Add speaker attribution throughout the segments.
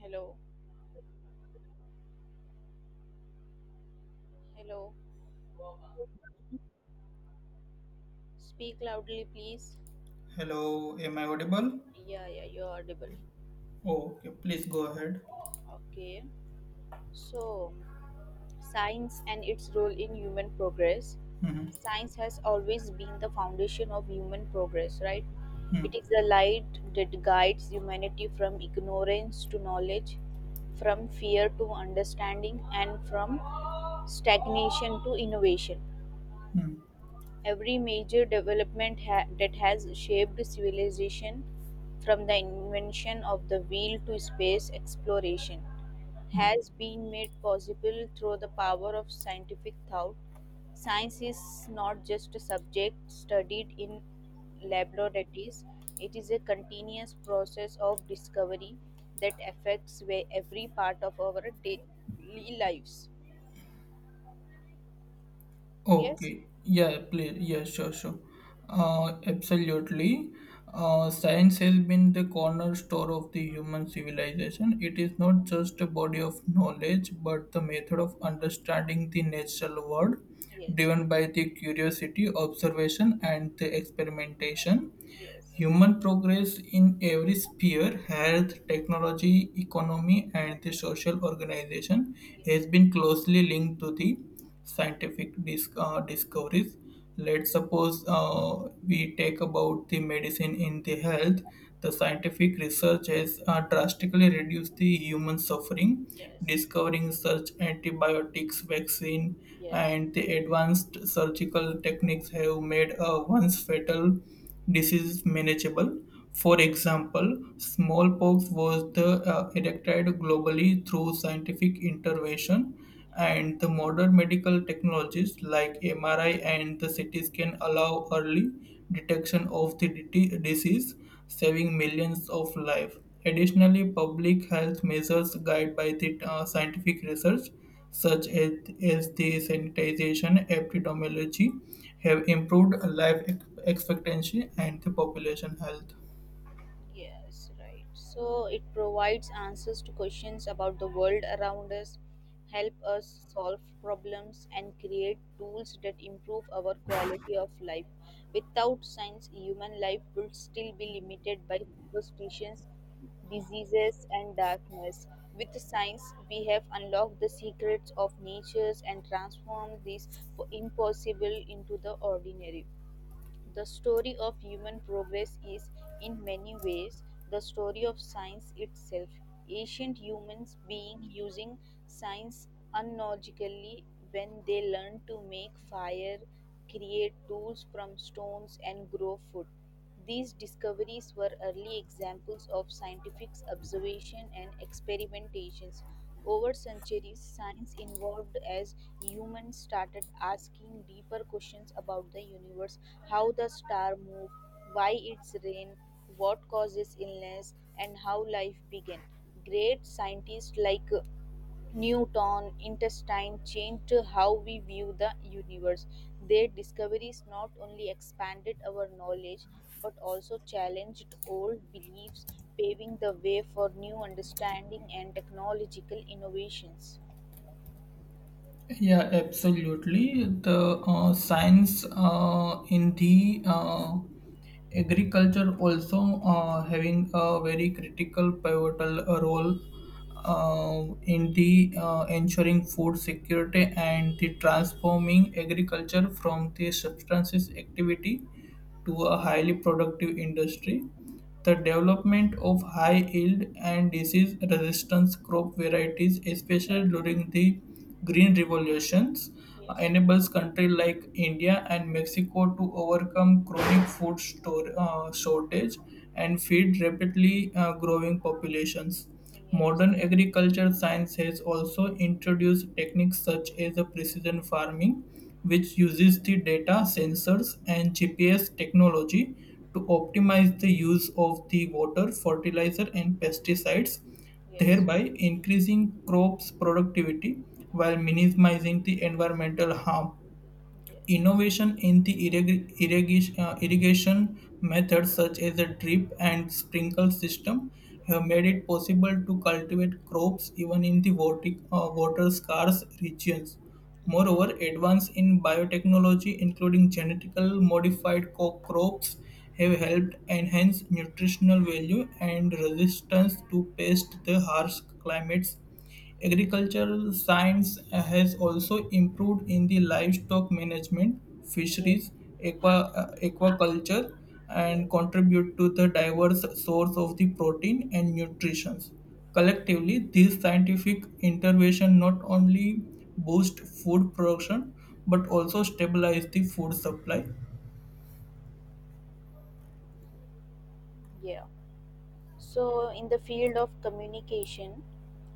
Speaker 1: Hello, hello. Speak loudly, please.
Speaker 2: Hello, am I audible?
Speaker 1: Yeah, yeah, you're audible.
Speaker 2: Oh, okay, please go ahead.
Speaker 1: Okay. So, science and its role in human progress.
Speaker 2: Mhm.
Speaker 1: Science has always been the foundation of human progress, right? It
Speaker 2: mm,
Speaker 1: is the light that guides humanity from ignorance to knowledge, from fear to understanding, and from stagnation to innovation.
Speaker 2: mm,
Speaker 1: Every major development that has shaped civilization, from the invention of the wheel to space exploration,
Speaker 2: mm.
Speaker 1: has been made possible through the power of scientific thought. Science is not just a subject studied in laboratories, it is a continuous process of discovery that affects where every part of our daily lives. Yes,
Speaker 2: Okay, yeah, please, yeah, sure, sure. Absolutely. Science has been the cornerstone of the human civilization. It is not just a body of knowledge, but the method of understanding the natural world,
Speaker 1: yes,
Speaker 2: driven by the curiosity, observation, and the experimentation.
Speaker 1: yes,
Speaker 2: Human progress in every sphere health, technology, economy, and the social organization has
Speaker 1: yes,
Speaker 2: been closely linked to the scientific discoveries. Let's suppose we take about the medicine in the health. The scientific research has drastically reduced the human suffering,
Speaker 1: yes.
Speaker 2: discovering such antibiotics, vaccine,
Speaker 1: Yes.
Speaker 2: and the advanced surgical techniques have made a once fatal disease is manageable. For example, smallpox was eradicated globally through scientific intervention,
Speaker 1: Yeah.
Speaker 2: and the modern medical technologies like MRI and the CT scan allow early detection of the disease, saving millions of lives. Additionally, public health measures guided by the scientific research such as, as the sanitization epidemiology have improved expectancy and the population health.
Speaker 1: Yes, right. So it provides answers to questions about the world around us, help us solve problems and create tools that improve our quality of life. Without science, human life would still be limited by superstitions, diseases and darkness. With science, we have unlocked the secrets of nature and transformed this impossible into the ordinary. The story of human progress is, in many ways, the story of science itself. Ancient humans being using science unlogically when they learned to make fire, create tools from stones, and grow food. These discoveries were early examples of scientific observation and experimentations. Over centuries, science evolved as humans started asking deeper questions about the universe: how the star moved, why its rain, what causes illness, and how life began. Great scientists like Newton, Einstein changed how we view the universe. Their discoveries not only expanded our knowledge but also challenged old beliefs, paving the way for new understanding and technological innovations.
Speaker 2: Yeah, absolutely. The science in the agriculture also having a very critical pivotal role in the ensuring food security and the transforming agriculture from the substances activity to a highly productive industry the development of high yield and disease resistant crop varieties, especially during the Green Revolutions,
Speaker 1: Yes,
Speaker 2: enables countries like India and Mexico to overcome chronic food shortage and feed rapidly growing populations.
Speaker 1: yes,
Speaker 2: Modern agriculture science has also introduced techniques such as precision farming which uses the data, sensors, and GPS technology to optimize the use of the water, fertilizer, and pesticides,
Speaker 1: yes,
Speaker 2: thereby increasing crops' productivity while minimizing the environmental harm.
Speaker 1: yes,
Speaker 2: Innovation in the irrigation methods, such as a drip and sprinkle system, have made it possible to cultivate crops even in the water scarce regions.
Speaker 1: yes,
Speaker 2: Moreover, advance in biotechnology, including genetically modified crops, have helped enhance nutritional value and resistance to pests, the harsh climates. Agricultural science has also improved in the livestock management,
Speaker 1: yes,
Speaker 2: fisheries, aqua, aquaculture,
Speaker 1: yes,
Speaker 2: and contribute to the diverse source of the protein and nutrition. Collectively, these scientific intervention not only boost food production but also stabilize the food supply.
Speaker 1: yeah. So, in the field of communication,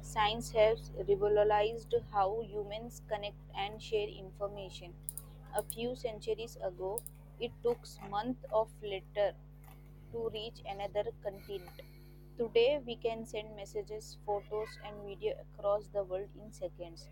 Speaker 1: science has revolutionized how humans connect and share information. A few centuries ago, it took months of letter to reach another continent. Today, we can send messages, photos, and video across the world in seconds.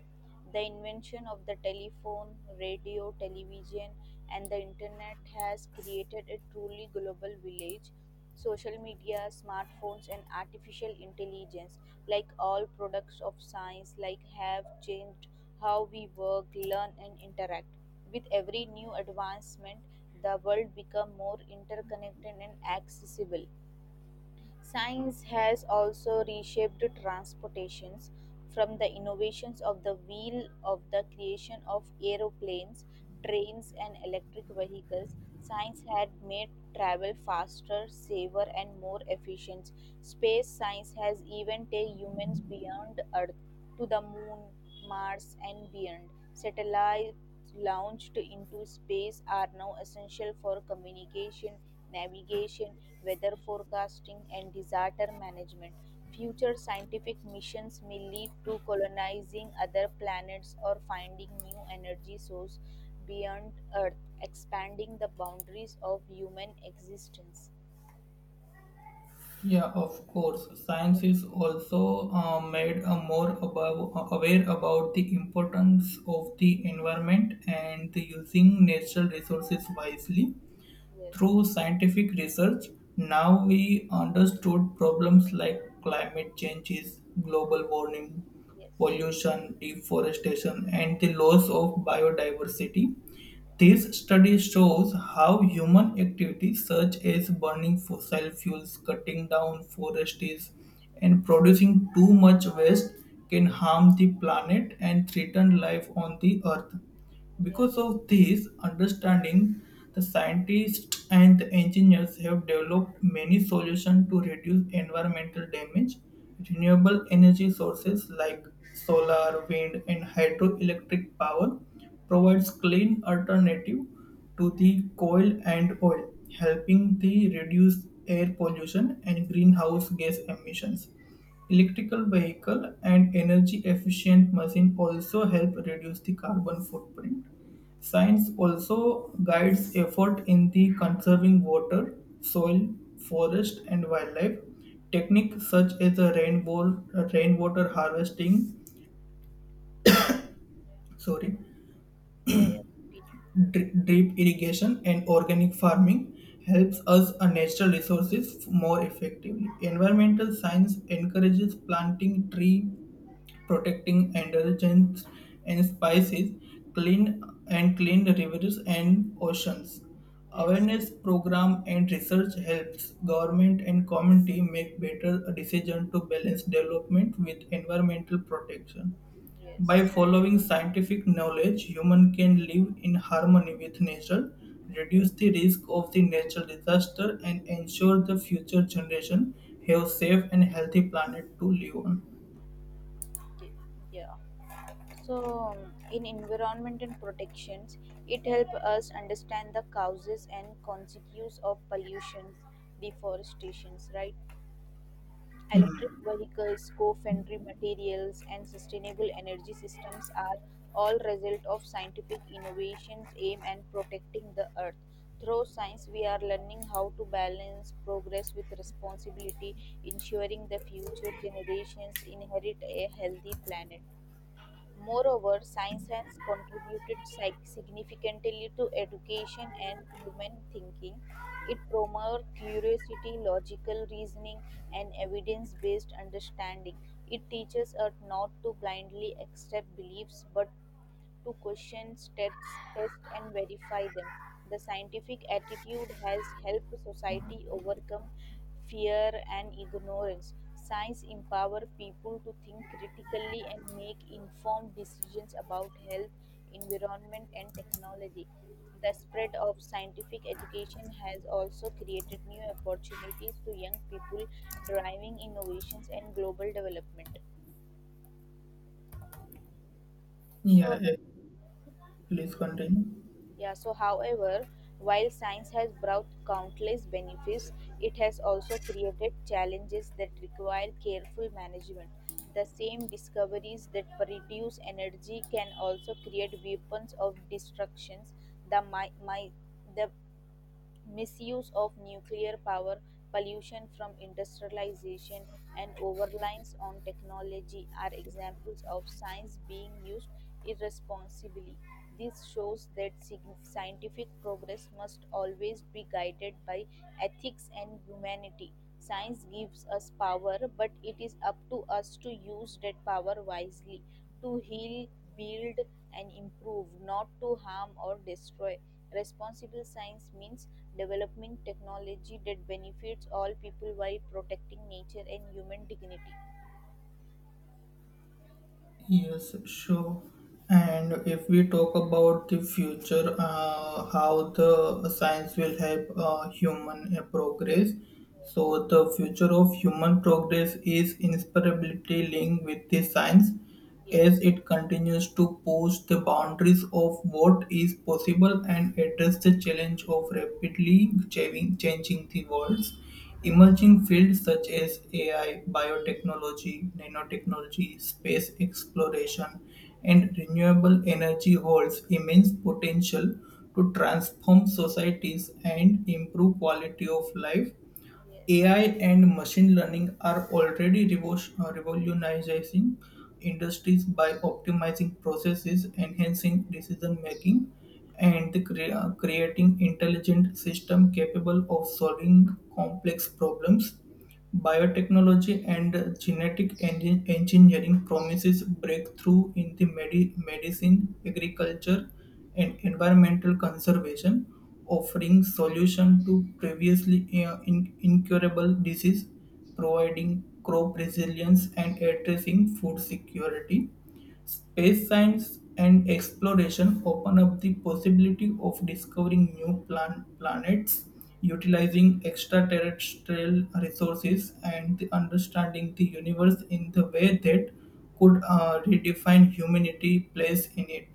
Speaker 1: The invention of the telephone, radio, television, and the internet has created a truly global village. Social media, smartphones, and artificial intelligence, like all products of science, like have changed how we work, learn, and interact. With every new advancement, the world become more interconnected and accessible. Science has also reshaped transportations from the innovations of the wheel of the creation of aeroplanes, trains, and electric vehicles. Science had made travel faster, safer, and more efficient. Space science has even taken humans beyond Earth to the moon, Mars, and beyond. Satellites launched into space are now essential for communication, navigation, weather forecasting, and disaster management. Future scientific missions may lead to colonizing other planets or finding new energy source beyond Earth, expanding the boundaries of human existence.
Speaker 2: Yeah, of course. Science
Speaker 1: Yep.
Speaker 2: is also made more above, aware about the importance of the environment and the using natural resources wisely.
Speaker 1: Yes.
Speaker 2: Through scientific research, now we understood problems like climate changes, global warming,
Speaker 1: Yes.
Speaker 2: pollution, deforestation, and the loss of biodiversity. This study shows how human activities such as burning fossil fuels, cutting down forests, and producing too much waste can harm the planet and threaten life on the earth.
Speaker 1: Yeah.
Speaker 2: Because
Speaker 1: Yeah.
Speaker 2: of this understanding, the scientists and the engineers have developed many solutions to reduce environmental damage. Renewable energy sources like solar, wind, and hydroelectric power
Speaker 1: Yeah.
Speaker 2: provides clean alternative to the coal and oil, helping to reduce air pollution and greenhouse gas emissions. Electrical vehicle and energy efficient machine also help reduce the carbon footprint. Science also guides effort in the conserving water, soil, forest, and wildlife. Techniques such as rainwater harvesting, sorry,
Speaker 1: Yeah. Yeah. Continue.
Speaker 2: Drip irrigation and organic farming
Speaker 1: Yeah.
Speaker 2: helps us our natural resources more effectively environmental science encourages planting tree protecting androgens and spices clean and clean rivers and oceans
Speaker 1: Yes.
Speaker 2: awareness program and research helps government and community make better decisions to balance development with environmental protection by
Speaker 1: Yes.
Speaker 2: following scientific knowledge, human can live in harmony with nature,
Speaker 1: Yes.
Speaker 2: reduce the risk of the natural disaster, and ensure the future generation have safe and healthy planet to live on.
Speaker 1: Yeah. So, in environment and protections, it helps us understand the causes and consequences of pollution, deforestations, right? Electric vehicles, co-friendly materials, and sustainable energy systems are all result of scientific innovations aimed at protecting the earth. Through science, we are learning how to balance progress with responsibility, ensuring the future generations inherit a healthy planet. Moreover, science has contributed significantly to education and human thinking. It promotes curiosity, logical reasoning, and evidence based understanding. It teaches us not to blindly accept beliefs but to question tests, test and verify them. The scientific attitude has helped society overcome fear and ignorance. Science empower people to think critically and make informed decisions about health, environment and technology. The spread of scientific education has also created new opportunities to young people driving innovations and global development.
Speaker 2: Yeah,
Speaker 1: So,
Speaker 2: yeah, please continue.
Speaker 1: yeah, so however, while science has brought countless benefits, it has also created challenges that require careful management. The same discoveries that produce energy can also create weapons of destructions. The, mi- mi- the misuse of nuclear power, pollution from industrialization, and overreliance on technology are examples of science being used irresponsibly. This shows that scientific progress must always be guided by ethics and humanity. Science gives us power, but it is up to us to use that power wisely to heal, build, and improve, not to harm or destroy. Responsible science means developing technology that benefits all people while protecting nature and human dignity.
Speaker 2: Yes, sure. And if we talk about the future, how the science will help human progress.
Speaker 1: Yes,
Speaker 2: So the future of human progress is inseparably linked with the science as
Speaker 1: yes,
Speaker 2: it continues to push the boundaries of what is possible and address the challenge of rapidly changing changing the worlds.
Speaker 1: yes,
Speaker 2: Emerging fields such as AI, biotechnology, nanotechnology, space exploration, and renewable energy holds immense potential to transform societies and improve quality of life.
Speaker 1: yes,
Speaker 2: AI and machine learning are already revolutionizing industries by optimizing processes, enhancing decision making, and creating intelligent systems capable of solving complex problems. Biotechnology and genetic engineering promises breakthrough in the medicine, agriculture, and environmental conservation offering solution to previously incurable disease, providing crop resilience and addressing food security. Space science and exploration open up the possibility of discovering new planets, utilizing extraterrestrial resources, and the understanding the universe in the way that could redefine humanity' place in it.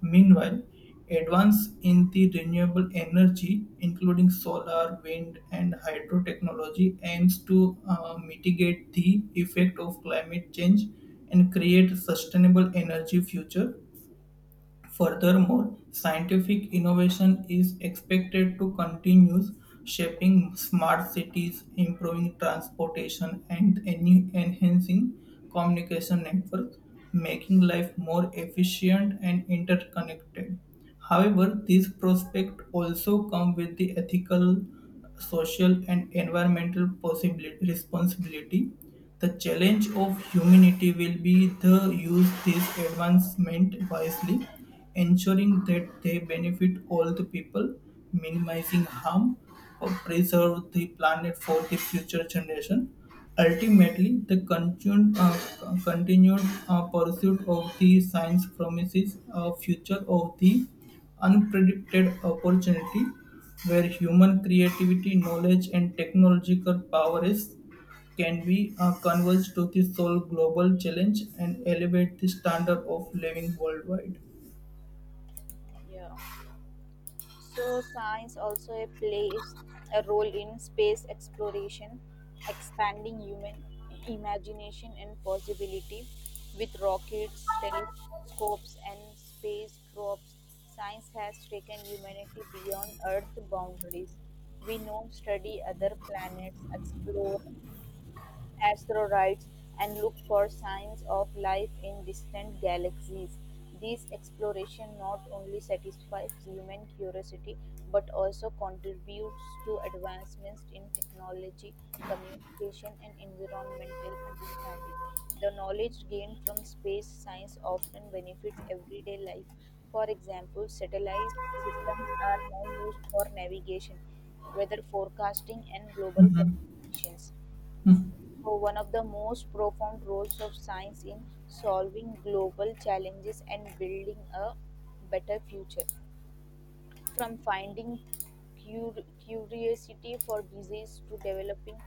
Speaker 2: Meanwhile, advances in the renewable energy, including solar, wind, and hydro technology, aims to mitigate the effect of climate change and create sustainable energy future. Furthermore, scientific innovation is expected to continue shaping smart cities, improving transportation, and enhancing communication networks, making life more efficient and interconnected. However, these prospects also come with the ethical, social, and environmental possibility responsibility the challenge of humanity will be to use this advancement wisely, ensuring that they benefit all the people, minimizing harm, or preserve the planet for the future generation. Ultimately, the continued pursuit of the science promises a future of the unpredicted opportunity where human creativity, knowledge, and technological power is can we converge to the sole global challenge and elevate the standard of living worldwide?
Speaker 1: yeah. So science also a plays a role in space exploration, expanding human imagination and possibility with rockets, telescopes, and space probes. Science has taken humanity beyond Earth boundaries. We now study other planets, explore asteroids and look for signs of life in distant galaxies. These exploration not only satisfies human curiosity but also contributes to advancements in technology, communication, and environmental understanding. The knowledge gained from space science often benefits everyday life. For example, satellite systems are now used for navigation, weather forecasting, and global communications. So, one of the most profound roles of science in solving global challenges and building a better future. From finding curiosity for disease to developing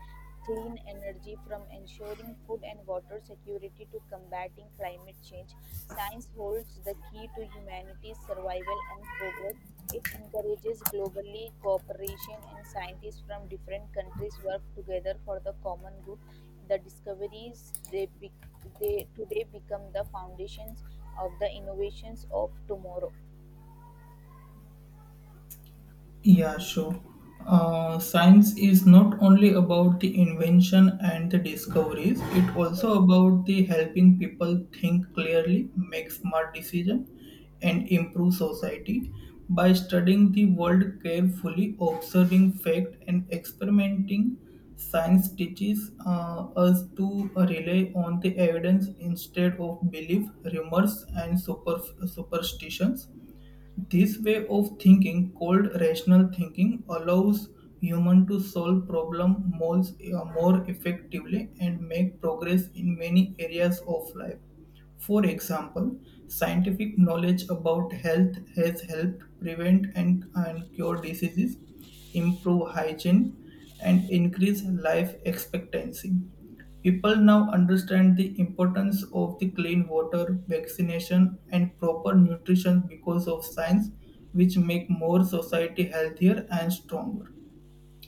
Speaker 1: clean energy, from ensuring food and water security to combating climate change, science holds the key to humanity's survival and progress. It encourages globally cooperation and scientists from different countries work together for the common good. The discoveries they today become the foundations of the innovations of tomorrow.
Speaker 2: Yeah, sure. Science is not only about the invention and the discoveries, it
Speaker 1: Yes.
Speaker 2: also about the helping people think clearly, make smart decisions, and improve society. By studying the world carefully, observing fact, and experimenting, science teaches us to rely on the evidence instead of belief, rumors, and superstitions this way of thinking, called rational thinking, allows human to solve problem more effectively and make progress in many areas of life. For example, scientific knowledge about health has helped prevent and cure diseases, improve hygiene, and increase life expectancy. People now understand the importance of the clean water, vaccination, and proper nutrition because of science, which make more society healthier and stronger.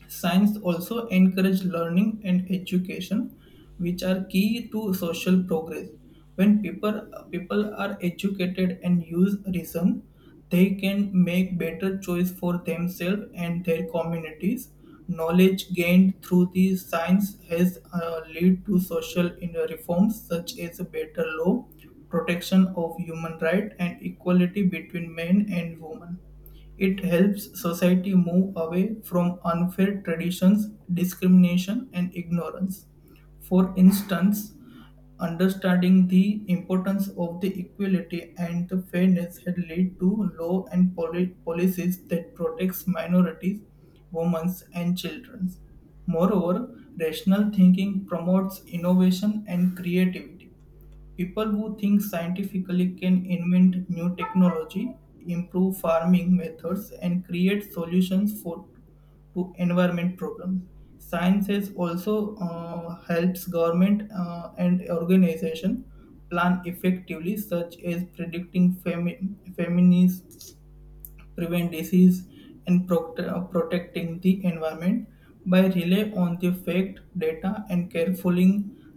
Speaker 2: Science also encourage learning and education, which are key to social progress. When people are educated and use reason, they can make better choice for themselves and their communities. Knowledge gained through the science has led to social reforms such as a better law, protection of human right, and equality between men and women. It helps society move away from unfair traditions, discrimination, and ignorance. For instance, understanding the importance of the equality and the fairness had led to law and policies that protects minorities, women, and children. Moreover, rational thinking promotes innovation and creativity. People who think scientifically can invent new technology, improve farming methods, and create solutions for to environment problems. Science has also helps government and organization plan effectively, such as predicting famines, prevent
Speaker 1: Come in.
Speaker 2: disease, and protecting the environment. By rely on the fact, data, and careful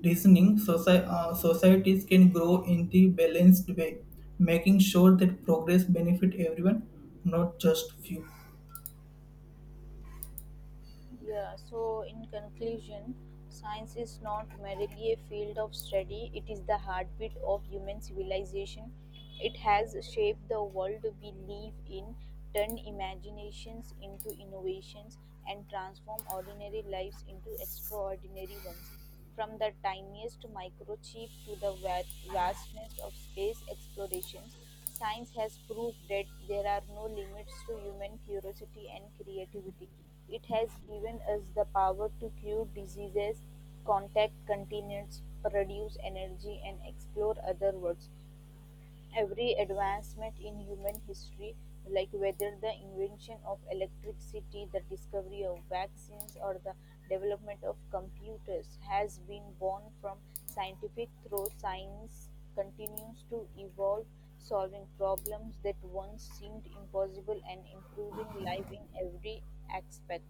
Speaker 2: reasoning, societies can grow in the balanced way, making sure that progress benefit everyone, not just few.
Speaker 1: Yeah, so in conclusion, science is not merely a field of study, it is the heartbeat of human civilization. It has shaped the world we live in, turned imaginations into innovations, and transformed ordinary lives into extraordinary ones. From the tiniest microchip to the vastness of space explorations, science has proved that there are no limits to human curiosity and creativity. It has given us the power to cure diseases, contact continents, produce energy, and explore other worlds. Every advancement in human history, like whether the invention of electricity, the discovery of vaccines, or the development of computers, has been born from scientific through science continues to evolve, solving problems that once seemed impossible and improving life in every aspect.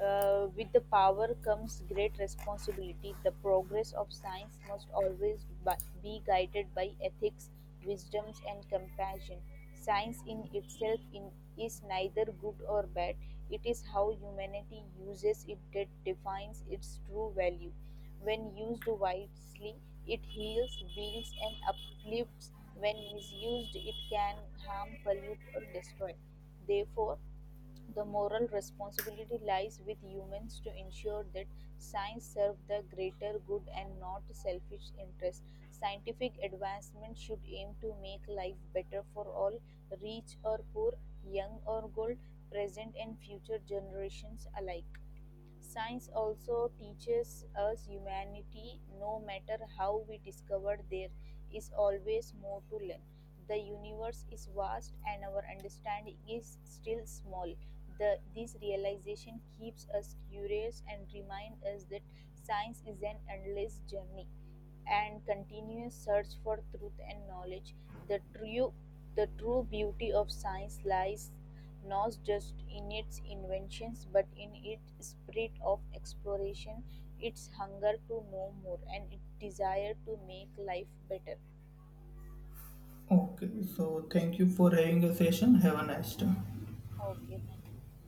Speaker 1: With the power comes great responsibility. The progress of science must always be guided by ethics, wisdoms, and compassion. Science in itself, is neither good or bad. It is how humanity uses it that defines its true value. When used wisely, it heals, builds, and uplifts. When misused, it can harm, pollute, or destroy. Therefore, the moral responsibility lies with humans to ensure that science serves the greater good and not selfish interests. Scientific advancement should aim to make life better for all, rich or poor, young or old, present and future generations alike. Science also teaches us humanity, no matter how we discover, there is always more to learn. The universe is vast and our understanding is still small. This realization keeps us curious and reminds us that science is an endless journey and continuous search for truth and knowledge. The true, the true beauty of science lies not just in its inventions but in its spirit of exploration, its hunger to know more, and its desire to make life better.
Speaker 2: Okay, so thank you for having a session. Have a nice day.
Speaker 1: Okay, thank you.